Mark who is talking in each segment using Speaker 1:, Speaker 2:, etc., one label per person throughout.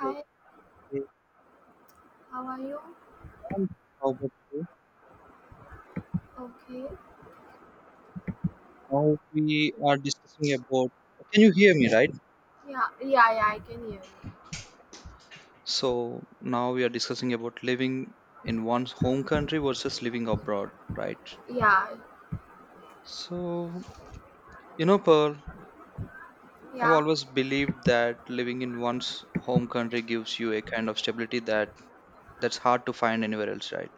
Speaker 1: Okay,
Speaker 2: how are you?
Speaker 1: and how about you?
Speaker 2: Okay.
Speaker 1: Now we are discussing about. Can you hear me, right?
Speaker 2: Yeah, yeah, yeah, I can hear you.
Speaker 1: So now we are discussing about living in one's home country versus living abroad, right?
Speaker 2: Yeah,
Speaker 1: So, you know, Pearl, I've
Speaker 2: yeah,
Speaker 1: always believed that living in one's home country gives you a kind of stability that's hard to find anywhere else, right?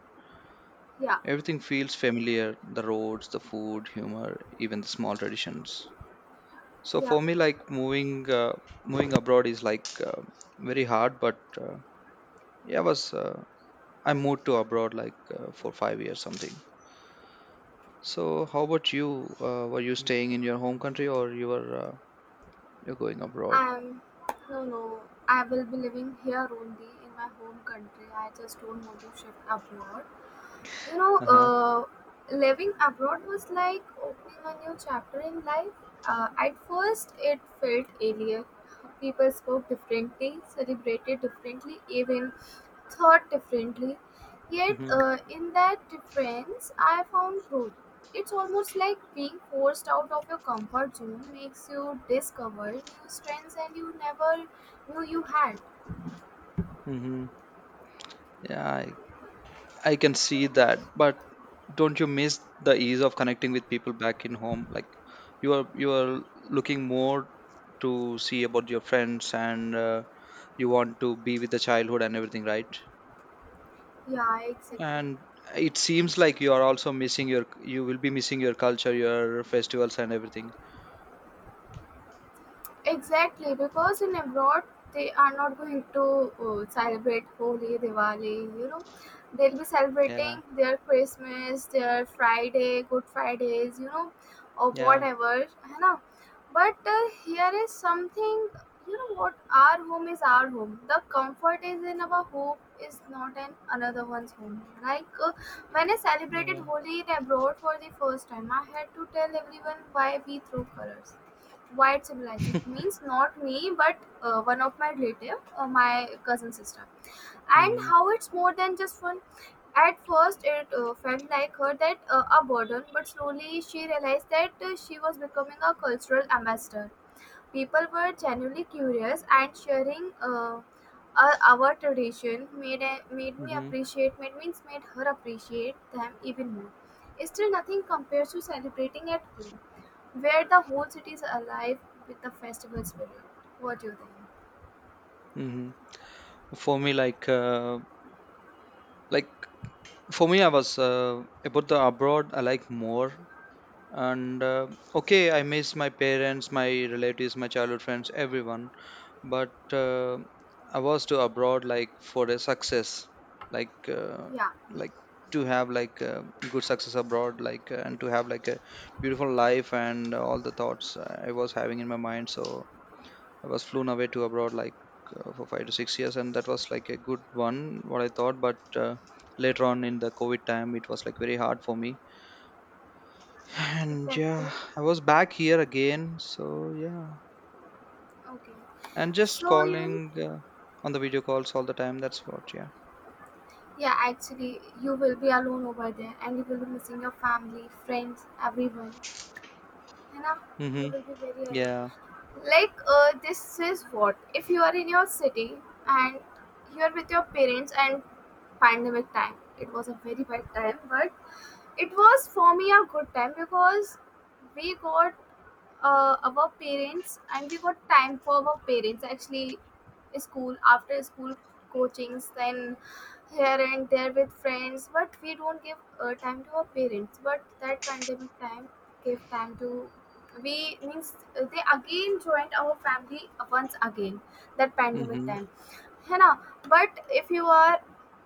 Speaker 2: yeah,
Speaker 1: Everything feels familiar, the roads, the food, humor, even the small traditions. So
Speaker 2: yeah.
Speaker 1: for me, like moving abroad is like very hard, but yeah, I was I moved to abroad like for 5 years something. So how about you? Were you staying in your home country or you're going abroad?
Speaker 2: I'm, no, no, I will be living here only in my home country. I just don't want to shift abroad. You know,
Speaker 1: Uh-huh.
Speaker 2: uh, living abroad was like opening a new chapter in life. At first, it felt alien. People spoke differently, celebrated differently, even thought differently. Yet,
Speaker 1: Hmm.
Speaker 2: in that difference, I found growth. It's almost like being forced out of your comfort zone makes you discover new strengths and you never knew you had.
Speaker 1: Hmm. Yeah, I can see that, but don't you miss the ease of connecting with people back in home? Like you are looking more to see about your friends and you want to be with the childhood and everything, right?
Speaker 2: Yeah, exactly.
Speaker 1: And it seems like you are also missing you will be missing your culture, your festivals and everything.
Speaker 2: Exactly, because in abroad they are not going to celebrate Holi, Diwali. You know, they'll be
Speaker 1: Yeah,
Speaker 2: celebrating their Christmas, their Friday, Good Fridays. You know, or
Speaker 1: yeah,
Speaker 2: whatever, है ना? But here is something. You know what? Our home is our home. The comfort is in our home is not in another one's home. Like when I celebrated
Speaker 1: yeah.
Speaker 2: Holi in abroad for the first time, I had to tell everyone why we throw colors, white civilization means not me but one of my relative, my cousin sister, and
Speaker 1: Hmm.
Speaker 2: how it's more than just one. At first it felt like her that a burden, but slowly she realized that she was becoming a cultural ambassador. People were genuinely curious and sharing our tradition made me
Speaker 1: Hmm.
Speaker 2: appreciate, made means made her appreciate them even more. Still nothing compares to celebrating at home where the whole city is alive with the festival spirit. What do you think?
Speaker 1: Hmm. For me, like, uh, like for me, I was about the abroad. I like more, and okay, I miss my parents, my relatives, my childhood friends, everyone. But I was to abroad like for a success, like uh,
Speaker 2: Yeah,
Speaker 1: like to have like good success abroad, like and to have like a beautiful life and all the thoughts I was having in my mind. So I was flown away to abroad like for 5 to 6 years, and that was like a good one, what I thought. But later on in the COVID time, it was like very hard for me. And
Speaker 2: exactly.
Speaker 1: yeah, I was back here again. So yeah.
Speaker 2: Okay.
Speaker 1: And just
Speaker 2: So you
Speaker 1: calling on the video calls all the time. That's what, yeah.
Speaker 2: Yeah, actually you will be alone over there and you will be missing your family, friends, everyone. You know, you
Speaker 1: Mm-hmm.
Speaker 2: will be very alone.
Speaker 1: Yeah.
Speaker 2: Like this is what, if you are in your city and you are with your parents and pandemic time. It was a very bad time, but it was for me a good time because we got our parents and we got time for our parents actually. School after school, coachings, then here and there with friends, but we don't give time to our parents. But that pandemic time gave time to we means, they again joined our family once again, that pandemic
Speaker 1: Mm-hmm.
Speaker 2: time है ना. But if you are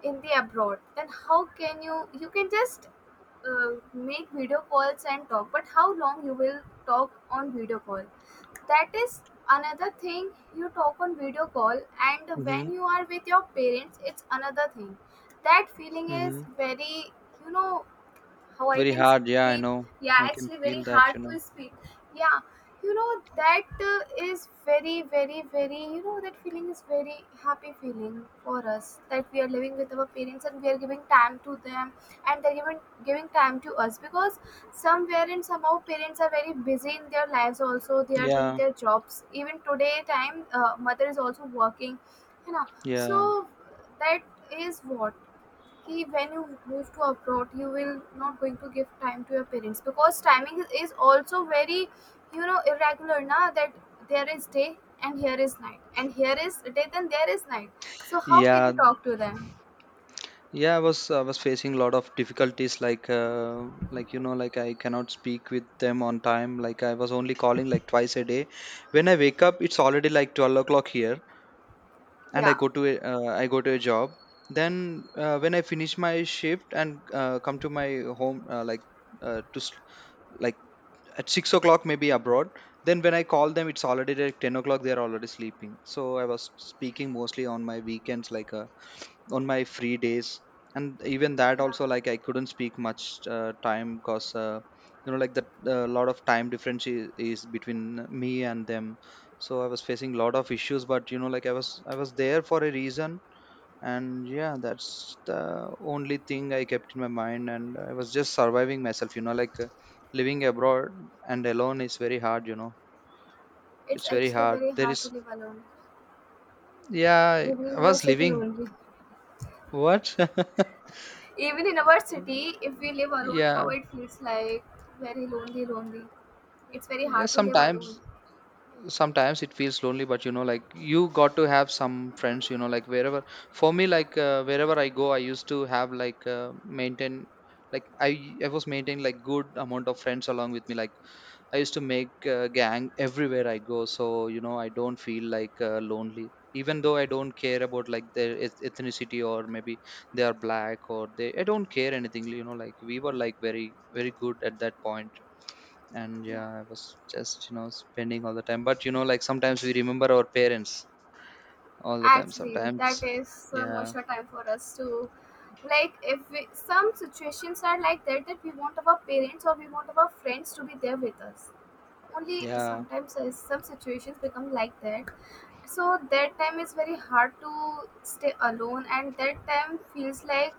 Speaker 2: in the abroad, then how can you, you can just uh, make video calls and talk, but how long you will talk on video call? That is another thing. You talk on video call, and
Speaker 1: Mm-hmm.
Speaker 2: when you are with your parents, it's another thing. That feeling
Speaker 1: Mm-hmm.
Speaker 2: is very, you know, how I
Speaker 1: Very
Speaker 2: can
Speaker 1: hard. Yeah, I
Speaker 2: speak.
Speaker 1: know.
Speaker 2: Yeah,
Speaker 1: I can
Speaker 2: actually,
Speaker 1: feel
Speaker 2: very
Speaker 1: that,
Speaker 2: hard
Speaker 1: you know.
Speaker 2: to speak. Yeah, you know that is very, very, very. You know, that feeling is very happy feeling for us that we are living with our parents and we are giving time to them, and they're giving time to us because somewhere and somehow parents are very busy in their lives. Also, they are doing
Speaker 1: Yeah.
Speaker 2: their jobs. Even today, time, mother is also working. You know,
Speaker 1: Yeah.
Speaker 2: so that is what कि when you move to abroad you will not going to give time to your parents because timing is also very, you know, irregular now. That there is day and here is night, and here is day then there is night, so how can
Speaker 1: Yeah.
Speaker 2: you talk to them?
Speaker 1: Yeah. I was facing a lot of difficulties. Like like I cannot speak with them on time. Like I was only calling like twice a day. When I wake up, it's already like 12 o'clock here. And I
Speaker 2: Yeah,
Speaker 1: go I go to a job. Then when I finish my shift and come to my home, like to s- like at 6 o'clock maybe abroad. Then when I call them, it's already like 10 o'clock. They are already sleeping. So I was speaking mostly on my weekends, like on my free days, and even that
Speaker 2: yeah,
Speaker 1: also like I couldn't speak much time because. You know like that a lot of time difference is between me and them. So I was facing a lot of issues but you know like I was there for a reason, and yeah, that's the only thing I kept in my mind, and I was just surviving myself, you know, like living abroad and alone is very hard, you know.
Speaker 2: it's
Speaker 1: It's very
Speaker 2: actually
Speaker 1: hard.
Speaker 2: very
Speaker 1: There
Speaker 2: hard to
Speaker 1: is,
Speaker 2: live alone,
Speaker 1: yeah,
Speaker 2: even in
Speaker 1: I
Speaker 2: our
Speaker 1: was
Speaker 2: city
Speaker 1: living,
Speaker 2: only.
Speaker 1: what?
Speaker 2: Even in our city, if we live alone,
Speaker 1: Yeah.
Speaker 2: how it feels like very lonely, lonely. It's very
Speaker 1: Yeah,
Speaker 2: hard to live
Speaker 1: sometimes,
Speaker 2: alone.
Speaker 1: sometimes it feels lonely, but you know like you got to have some friends, you know, like wherever. For me, like wherever I go I used to have like maintain, like I was maintaining like good amount of friends along with me. Like I used to make a gang everywhere I go, so you know I don't feel like lonely. Even though I don't care about like ethnicity or maybe they are black or they, I don't care anything. You know, like we were like very good at that point, and
Speaker 2: Yeah.
Speaker 1: yeah, I was just, you know, spending all the time. But you know, like sometimes we remember our parents all the time.
Speaker 2: Actually, that
Speaker 1: Sometimes,
Speaker 2: is so
Speaker 1: yeah,
Speaker 2: much of time for us to, like, if we, some situations are like that, that we want our parents or we want our friends to be there with us. Only
Speaker 1: yeah,
Speaker 2: sometimes some situations become like that. So that time is very hard to stay alone, and that time feels like,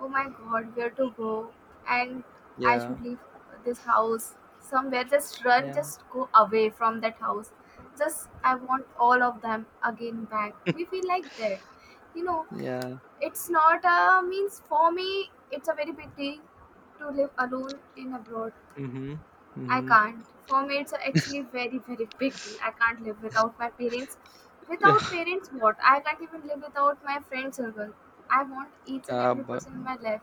Speaker 2: oh my god, where to go? And I
Speaker 1: yeah,
Speaker 2: should leave this house somewhere. Just run,
Speaker 1: yeah,
Speaker 2: just go away from that house. Just, I want all of them again back. We feel like that. You know,
Speaker 1: yeah.
Speaker 2: it's not a means for me, it's a very big deal to live alone in abroad.
Speaker 1: Mm-hmm.
Speaker 2: I
Speaker 1: Mm-hmm.
Speaker 2: can't. For me, it's actually a very, very big deal. I can't live without my parents. Without parents, what? I can't even live without my friend circle. I want each and
Speaker 1: Yeah,
Speaker 2: every person in my life.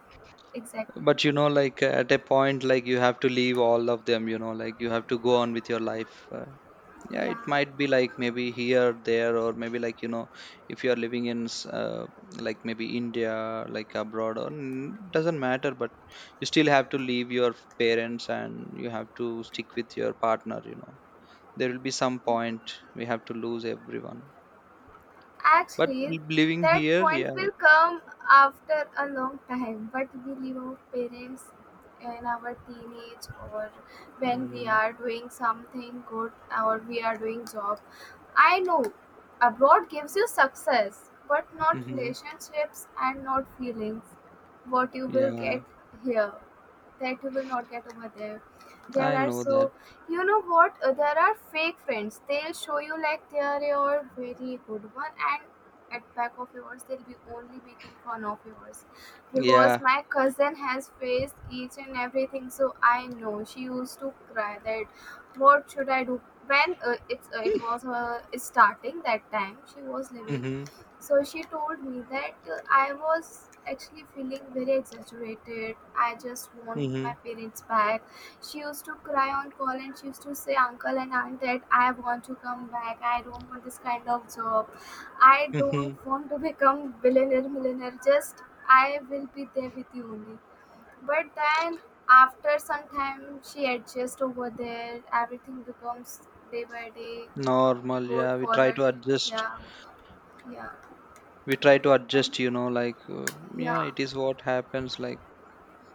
Speaker 2: Exactly.
Speaker 1: but you know like at a point like you have to leave all of them, you know, like you have to go on with your life. Yeah,
Speaker 2: Yeah.
Speaker 1: it might be like maybe here there, or maybe, like, you know, if you are living like maybe india, like abroad, or n- doesn't matter, but you still have to leave your parents and you have to stick with your partner, you know. There will be some
Speaker 2: Yeah.
Speaker 1: point we have to lose everyone. But
Speaker 2: Actually,
Speaker 1: living
Speaker 2: that
Speaker 1: here, yeah,
Speaker 2: point will
Speaker 1: it,
Speaker 2: come after a long time, but we leave our parents in our teenage or when we
Speaker 1: mm,
Speaker 2: are doing something good, or we are doing job. I know abroad gives you success, but not
Speaker 1: hmm,
Speaker 2: relationships and not feelings. What you will
Speaker 1: yeah
Speaker 2: get here, that you will not get over there. There
Speaker 1: I
Speaker 2: are
Speaker 1: know that.
Speaker 2: so, you know what? There are fake friends. They'll show you like they are your very good one, and at back of yours, they'll be only making fun of yours.
Speaker 1: Yeah.
Speaker 2: Because my cousin has faced each and everything, so I know. She used to cry that what should I do when it's it was starting that time she was living.
Speaker 1: Hmm.
Speaker 2: So she told me that I was actually feeling very exaggerated. I just want my
Speaker 1: Mhm.
Speaker 2: parents back. She used to cry on call and she used to say, Uncle and Aunt, that I want to come back. I don't want this kind of job. I
Speaker 1: Mhm.
Speaker 2: don't want to become billionaire, millionaire. Just I will be there with you only. But then after some time, she adjusts over there. Everything becomes day by day
Speaker 1: Normal,
Speaker 2: good
Speaker 1: yeah. We
Speaker 2: for
Speaker 1: try
Speaker 2: her.
Speaker 1: to adjust.
Speaker 2: Yeah, yeah,
Speaker 1: We try to
Speaker 2: and
Speaker 1: adjust, you know, like, yeah,
Speaker 2: yeah.
Speaker 1: it is what happens. Like,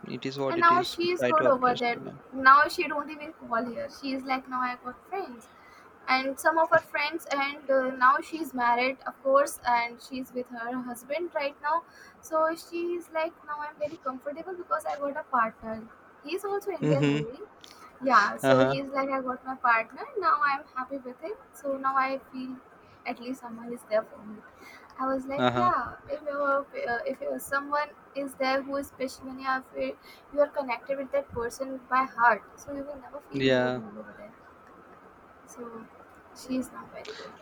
Speaker 1: it is what
Speaker 2: And
Speaker 1: it
Speaker 2: now
Speaker 1: is. We
Speaker 2: she's
Speaker 1: try
Speaker 2: good
Speaker 1: to
Speaker 2: over
Speaker 1: adjust, you
Speaker 2: there.
Speaker 1: know.
Speaker 2: Now she don't even call here. She's like, now I got friends. And some of her friends, and now she's married, of course, and she's with her husband right now. So she's like, now I'm very comfortable because I got a partner. He's also Indian
Speaker 1: Mm-hmm.
Speaker 2: only. Yeah, so
Speaker 1: Uh-huh.
Speaker 2: he's like, I got my partner, now I'm happy with him, so now I feel at least someone is there for me. I was like,
Speaker 1: Uh-huh.
Speaker 2: yeah, if you're someone is there who is special, and you are connected with that person by heart, so you will never feel
Speaker 1: Yeah.
Speaker 2: lonely over there. So she's not very good.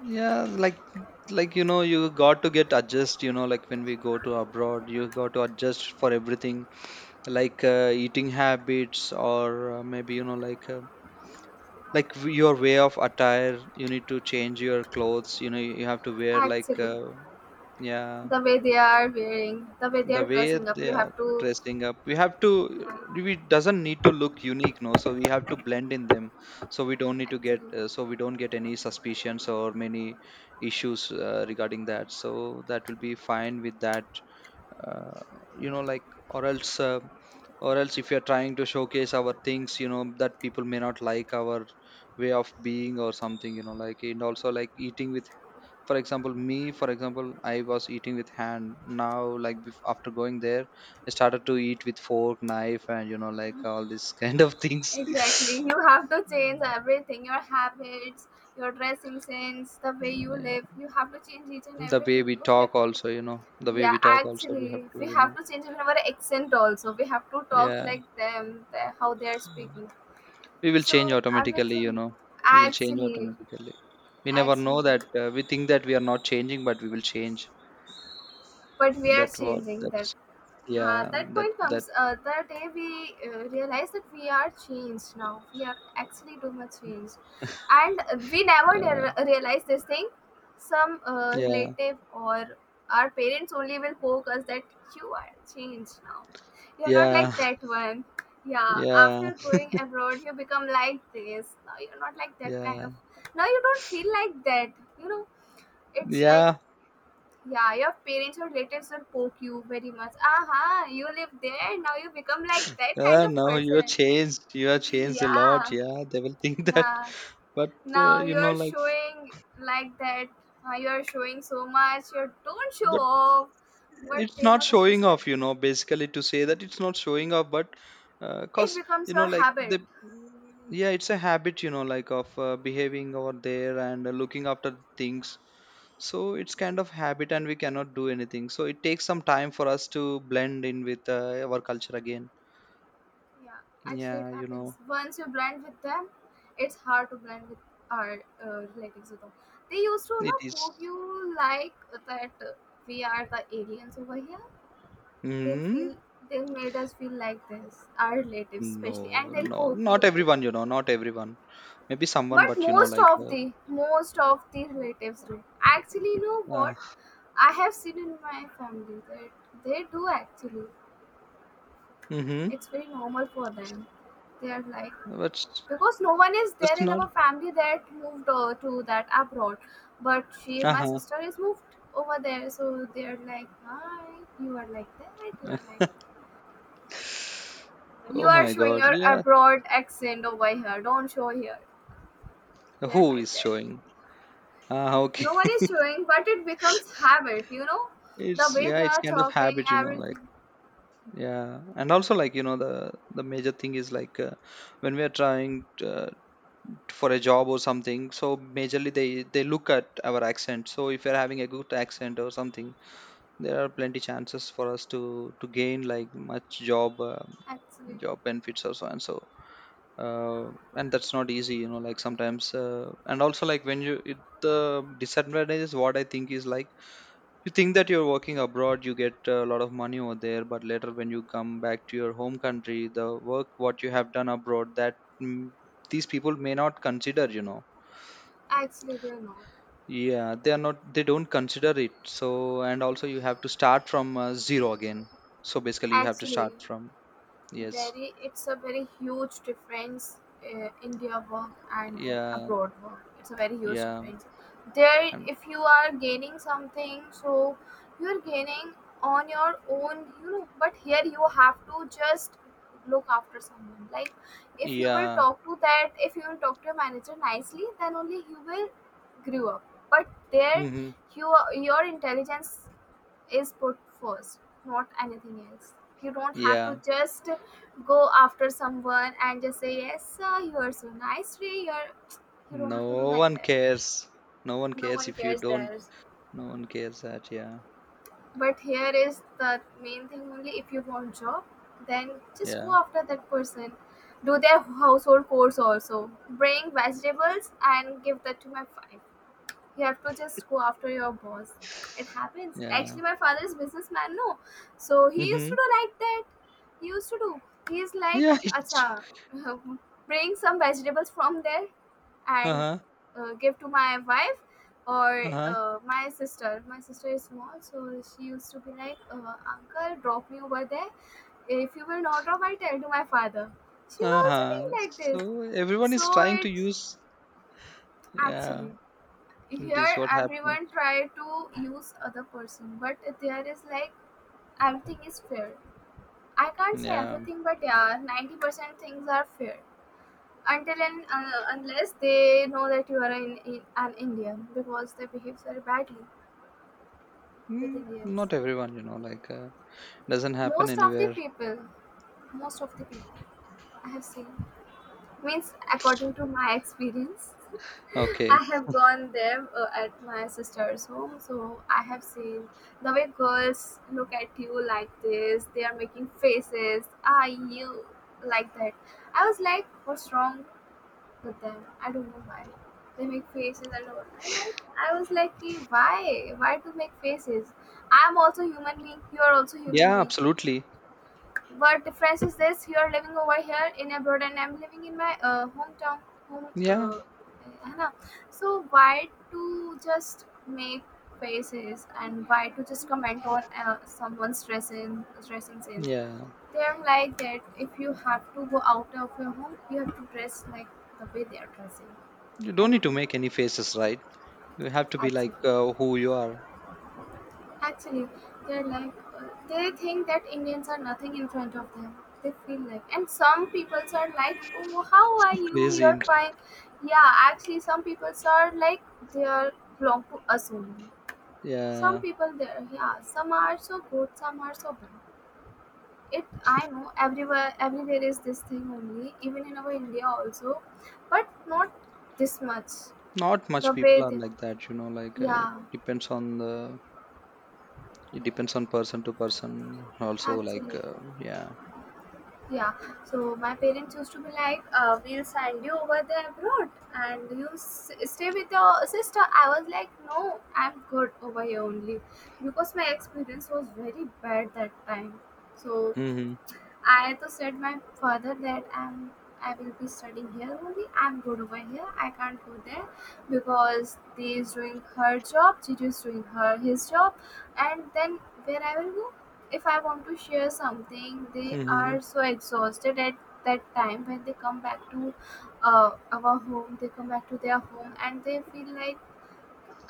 Speaker 1: Yeah. Like, you know, you got to get adjust, you know, like when we go to abroad, you got to adjust for everything, like eating habits or maybe, you know, like, your way of attire. You need to change your clothes. You know, you have to wear like,
Speaker 2: Actually,
Speaker 1: yeah,
Speaker 2: the way they are wearing, the way they
Speaker 1: the
Speaker 2: are
Speaker 1: way
Speaker 2: dressing up,
Speaker 1: they
Speaker 2: you
Speaker 1: are
Speaker 2: have to,
Speaker 1: dressing up we have to.
Speaker 2: yeah,
Speaker 1: We doesn't need to look unique, no, so we have to blend in them, so we don't need to get
Speaker 2: actually,
Speaker 1: so we don't get any suspicions or many issues regarding that, so that will be fine with that. uh, you know like, or else or else if we are trying to showcase our things, you know, that people may not like our way of being or something, you know, like. And also like eating with, for example me, for example, I was eating with hand. Now, like after going there, I started to eat with fork knife and you know like all these kind of things.
Speaker 2: exactly. You have to change everything, your habits, your dressing sense, the way you live.
Speaker 1: Yeah.
Speaker 2: You have to change each and
Speaker 1: The way
Speaker 2: everything
Speaker 1: we
Speaker 2: because you
Speaker 1: talk
Speaker 2: have to.
Speaker 1: also, you know, the way
Speaker 2: Yeah,
Speaker 1: we talk also we have
Speaker 2: actually,
Speaker 1: to
Speaker 2: we have
Speaker 1: remove.
Speaker 2: to change even our accent also. We have to talk
Speaker 1: Yeah.
Speaker 2: like them, the, how they are
Speaker 1: Yeah.
Speaker 2: speaking.
Speaker 1: We will change
Speaker 2: So
Speaker 1: automatically, you
Speaker 2: everything,
Speaker 1: know. We will change
Speaker 2: actually,
Speaker 1: automatically. We never know
Speaker 2: actually,
Speaker 1: that we think that we are not changing but we will change.
Speaker 2: but we are
Speaker 1: That what,
Speaker 2: changing
Speaker 1: that's,
Speaker 2: that.
Speaker 1: yeah,
Speaker 2: That
Speaker 1: that
Speaker 2: point
Speaker 1: that,
Speaker 2: comes the day we realize that we are changed now. We are actually too much changed. And we never
Speaker 1: yeah,
Speaker 2: realize this thing. Some
Speaker 1: yeah,
Speaker 2: relative or our parents only will poke us that you are changed now. You're not
Speaker 1: yeah.
Speaker 2: like that one. Yeah,
Speaker 1: Yeah.
Speaker 2: after going abroad, you become like this. Now you're not like that
Speaker 1: Yeah.
Speaker 2: kind of. Now you don't feel like that. You know, it's like,
Speaker 1: Yeah,
Speaker 2: yeah, your parents or relatives will poke you very much. Aha, you live there, now you become like that kind
Speaker 1: yeah,
Speaker 2: of
Speaker 1: now you are
Speaker 2: person.
Speaker 1: changed. You are changed a
Speaker 2: Yeah,
Speaker 1: lot. Yeah, they will think that.
Speaker 2: yeah.
Speaker 1: But,
Speaker 2: Now
Speaker 1: you know,
Speaker 2: you're
Speaker 1: like,
Speaker 2: showing like that. You're showing so much. You don't show
Speaker 1: but
Speaker 2: off, but
Speaker 1: it's
Speaker 2: they'll
Speaker 1: not
Speaker 2: not
Speaker 1: showing
Speaker 2: understand.
Speaker 1: off, you know, basically to say that it's not showing off, but
Speaker 2: It
Speaker 1: cause,
Speaker 2: becomes
Speaker 1: you know,
Speaker 2: your
Speaker 1: like,
Speaker 2: habit.
Speaker 1: the, yeah, it's a habit, you know, like of behaving over there and looking after
Speaker 2: Yeah,
Speaker 1: things. So it's kind of habit and we cannot do anything. So it takes some time for us to blend in with our culture again.
Speaker 2: yeah. Actually, it
Speaker 1: Yeah, you
Speaker 2: happens.
Speaker 1: know,
Speaker 2: Once you blend with them, it's hard to blend with our relatives, with them. They used to, you
Speaker 1: it
Speaker 2: know,
Speaker 1: is.
Speaker 2: poke you like that. We are the aliens over here, they'll feel.
Speaker 1: Mm-hmm.
Speaker 2: They've made us feel like this, our relatives especially,
Speaker 1: No,
Speaker 2: and they'll
Speaker 1: no,
Speaker 2: poke
Speaker 1: not
Speaker 2: you like
Speaker 1: everyone,
Speaker 2: this.
Speaker 1: you know, not everyone. Maybe someone,
Speaker 2: But
Speaker 1: but you know, like,
Speaker 2: most of the relatives do. Actually, you know
Speaker 1: uh,
Speaker 2: what, I have seen in my family that they do actually.
Speaker 1: mm-hmm.
Speaker 2: It's very normal for them. They are like,
Speaker 1: But
Speaker 2: because no one is there
Speaker 1: that's
Speaker 2: in
Speaker 1: not.
Speaker 2: our family that moved to that abroad, but she, my
Speaker 1: Uh-huh.
Speaker 2: sister is moved over there. So they are like, hi, you are like that, you are like.
Speaker 1: Oh
Speaker 2: You're
Speaker 1: my
Speaker 2: showing
Speaker 1: God.
Speaker 2: your
Speaker 1: Yeah.
Speaker 2: abroad accent over here. Don't show here. They're
Speaker 1: Who
Speaker 2: like
Speaker 1: is
Speaker 2: that.
Speaker 1: showing? Ah, okay.
Speaker 2: No one is showing, but it becomes habit, you know? The
Speaker 1: It's,
Speaker 2: way
Speaker 1: yeah,
Speaker 2: they
Speaker 1: it's
Speaker 2: are
Speaker 1: kind of
Speaker 2: talking,
Speaker 1: habit, you know, like.
Speaker 2: everything.
Speaker 1: Yeah, and also like you know the major thing is like when we are trying to, for a job or something, so majorly they look at our accent. So if you're having a good accent or something, there are plenty chances for us to gain like much job
Speaker 2: Actually,
Speaker 1: job benefits or so and so. uh, and that's not easy you know like sometimes and also like when you it, the disadvantage is what I think is like, you think that you're working abroad you get a lot of money over there, but later when you come back to your home country the work what you have done abroad that, mm, these people may not consider, you know.
Speaker 2: actually, they're not.
Speaker 1: Yeah, they are not, they don't consider it, so and also you have to start from zero again, so basically you have to start
Speaker 2: Actually,
Speaker 1: from. Yes.
Speaker 2: very, it's a very huge difference in their work and that
Speaker 1: Yeah.
Speaker 2: abroad work. It's a very huge
Speaker 1: Yeah.
Speaker 2: difference. There,
Speaker 1: And
Speaker 2: if you are gaining something, so you're gaining on your own, you know. But here you have to just look after someone, like if you will
Speaker 1: yeah.
Speaker 2: talk to that, if you will talk to your manager nicely, then only you will grow up. But there,
Speaker 1: Hmm.
Speaker 2: you, your intelligence is put first, not anything else. You don't have
Speaker 1: Yeah.
Speaker 2: to just go after someone and just say, yes, sir, you are so nice today. You're, you don't have to do
Speaker 1: No
Speaker 2: like
Speaker 1: one
Speaker 2: that.
Speaker 1: cares. No one
Speaker 2: No
Speaker 1: cares
Speaker 2: one
Speaker 1: if you
Speaker 2: cares
Speaker 1: don't.
Speaker 2: theirs.
Speaker 1: No one cares, that yeah,
Speaker 2: But here is the main thing, only if you want job, then just
Speaker 1: yeah,
Speaker 2: go after that person. Do their household chores also. Bring vegetables and give that to my wife. You have to just go after your boss. It happens.
Speaker 1: yeah.
Speaker 2: Actually, my father is businessman, no. So he used
Speaker 1: Mm-hmm.
Speaker 2: to do like that. He used to do. He's like,
Speaker 1: Yeah. It's,
Speaker 2: acha, bring some vegetables from there and
Speaker 1: uh-huh,
Speaker 2: give to my wife or
Speaker 1: uh-huh,
Speaker 2: my sister. My sister is small, so she used to be like, uncle, drop me over there. If you will not drop, I'll tell to my father. She's also
Speaker 1: uh-huh.
Speaker 2: doing like this.
Speaker 1: So everyone is
Speaker 2: So
Speaker 1: trying to
Speaker 2: it's
Speaker 1: use. Yeah,
Speaker 2: actually,
Speaker 1: it
Speaker 2: here
Speaker 1: is what happens.
Speaker 2: everyone try to use other person, but there is like everything is fair. I can't say
Speaker 1: Yeah.
Speaker 2: everything, but yeah, 90% things are fair until and unless they know that you are an Indian, because they behave very badly with
Speaker 1: mm,
Speaker 2: Indians.
Speaker 1: Not everyone you know like, doesn't happen
Speaker 2: Most of the
Speaker 1: anywhere.
Speaker 2: people, most of the people I have seen. Means, according to my experience, I
Speaker 1: Okay.
Speaker 2: have gone there at my sister's home, so I have seen the way girls look at you like this. They are making faces. Ah, you like that. I was like, what's wrong with them? I don't know why they make faces and all. I like. I was like, "Ki, why? Why to make faces? I'm also human being. You are also human
Speaker 1: Yeah,
Speaker 2: being.
Speaker 1: absolutely.
Speaker 2: What difference is this? You're living over here in abroad, and I'm living in my hometown. Home,
Speaker 1: Yeah,
Speaker 2: uh, है ना? So why to just make faces and why to just comment on someone's dressing sense?
Speaker 1: yeah.
Speaker 2: They're like that. If you have to go out of your home, you have to dress like the way they are dressing.
Speaker 1: You
Speaker 2: I
Speaker 1: don't need
Speaker 2: don't
Speaker 1: to
Speaker 2: know.
Speaker 1: make any faces, right? You have to be
Speaker 2: That's
Speaker 1: like
Speaker 2: it.
Speaker 1: who you are.
Speaker 2: Actually, they're like they think that Indians are nothing in front of them. They feel like, and some peoples are like, "Oh, how are you?
Speaker 1: Crazy.
Speaker 2: You're
Speaker 1: And.
Speaker 2: fine." Yeah, actually, some peoples are like they are belong to us only. Some
Speaker 1: Yeah.
Speaker 2: people there, yeah, some are so good, some are so bad. It I know everywhere, everywhere is this thing only, even in our India also, but not this much.
Speaker 1: Not much
Speaker 2: The way
Speaker 1: people are
Speaker 2: they,
Speaker 1: like that, you know, like it
Speaker 2: yeah,
Speaker 1: depends on the, it depends on person to person also like
Speaker 2: actually.
Speaker 1: yeah.
Speaker 2: Yeah, so my parents used to be like, we'll send you over there abroad and you s- stay with your sister. I was like, no, I'm good over here only because my experience was very bad that time. So
Speaker 1: Mhm.
Speaker 2: I to said my father that I'm I will be studying here only. I'm good over here. I can't go there because they is doing her job. She is doing her his job, and then where I will go if I want to share something. They
Speaker 1: Mhm.
Speaker 2: are so exhausted at that time when they come back to our home. They come back to their home and they feel like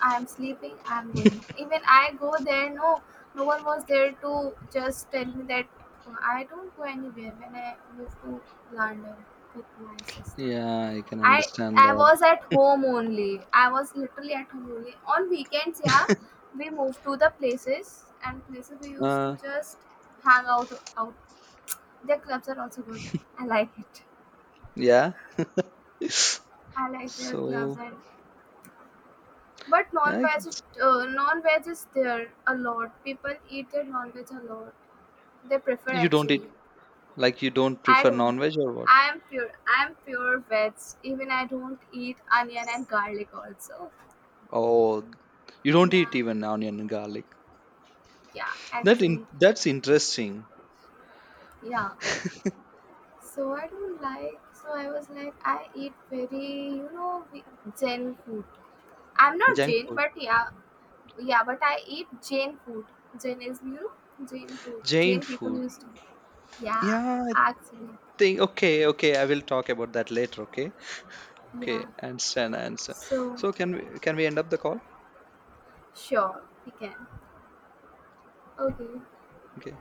Speaker 2: I'm sleeping, I'm going. Even I go there, no, no one was there to just tell me that I don't go anywhere when I moved to London with my sister.
Speaker 1: Yeah, I can
Speaker 2: I
Speaker 1: understand
Speaker 2: I
Speaker 1: that.
Speaker 2: was at home only. I was literally at home only. On weekends, yeah, we moved to the places and places we used
Speaker 1: Uh
Speaker 2: to just hang out. Their clubs are also good. I like it.
Speaker 1: yeah.
Speaker 2: I like their clubs
Speaker 1: So,
Speaker 2: and But
Speaker 1: yeah, I can,
Speaker 2: non-veg,
Speaker 1: s-,
Speaker 2: non-veg is there a lot. People eat their non-veg a lot. They prefer
Speaker 1: you don't eat,
Speaker 2: actually.
Speaker 1: like you don't
Speaker 2: I
Speaker 1: prefer
Speaker 2: don't.
Speaker 1: non-veg or what?
Speaker 2: I am pure. I am pure veg. Even I don't eat onion and garlic also.
Speaker 1: Oh, you don't
Speaker 2: Yeah,
Speaker 1: eat even onion and garlic.
Speaker 2: yeah.
Speaker 1: That in,
Speaker 2: Actually,
Speaker 1: that's interesting.
Speaker 2: yeah. So I don't like. So I was like, I eat very, we- Jain food. I'm not
Speaker 1: Junk
Speaker 2: Jain,
Speaker 1: food,
Speaker 2: but yeah, yeah. But I eat Jain food. Jain is you know Jain food.
Speaker 1: Jain
Speaker 2: Jain people
Speaker 1: food.
Speaker 2: used to. Yeah,
Speaker 1: Yeah, I
Speaker 2: actually.
Speaker 1: think okay, okay. I will talk about that later. Okay,
Speaker 2: Yeah.
Speaker 1: okay. Understand, answer.
Speaker 2: So,
Speaker 1: So can we end up the call?
Speaker 2: sure, we can. Okay.
Speaker 1: Okay.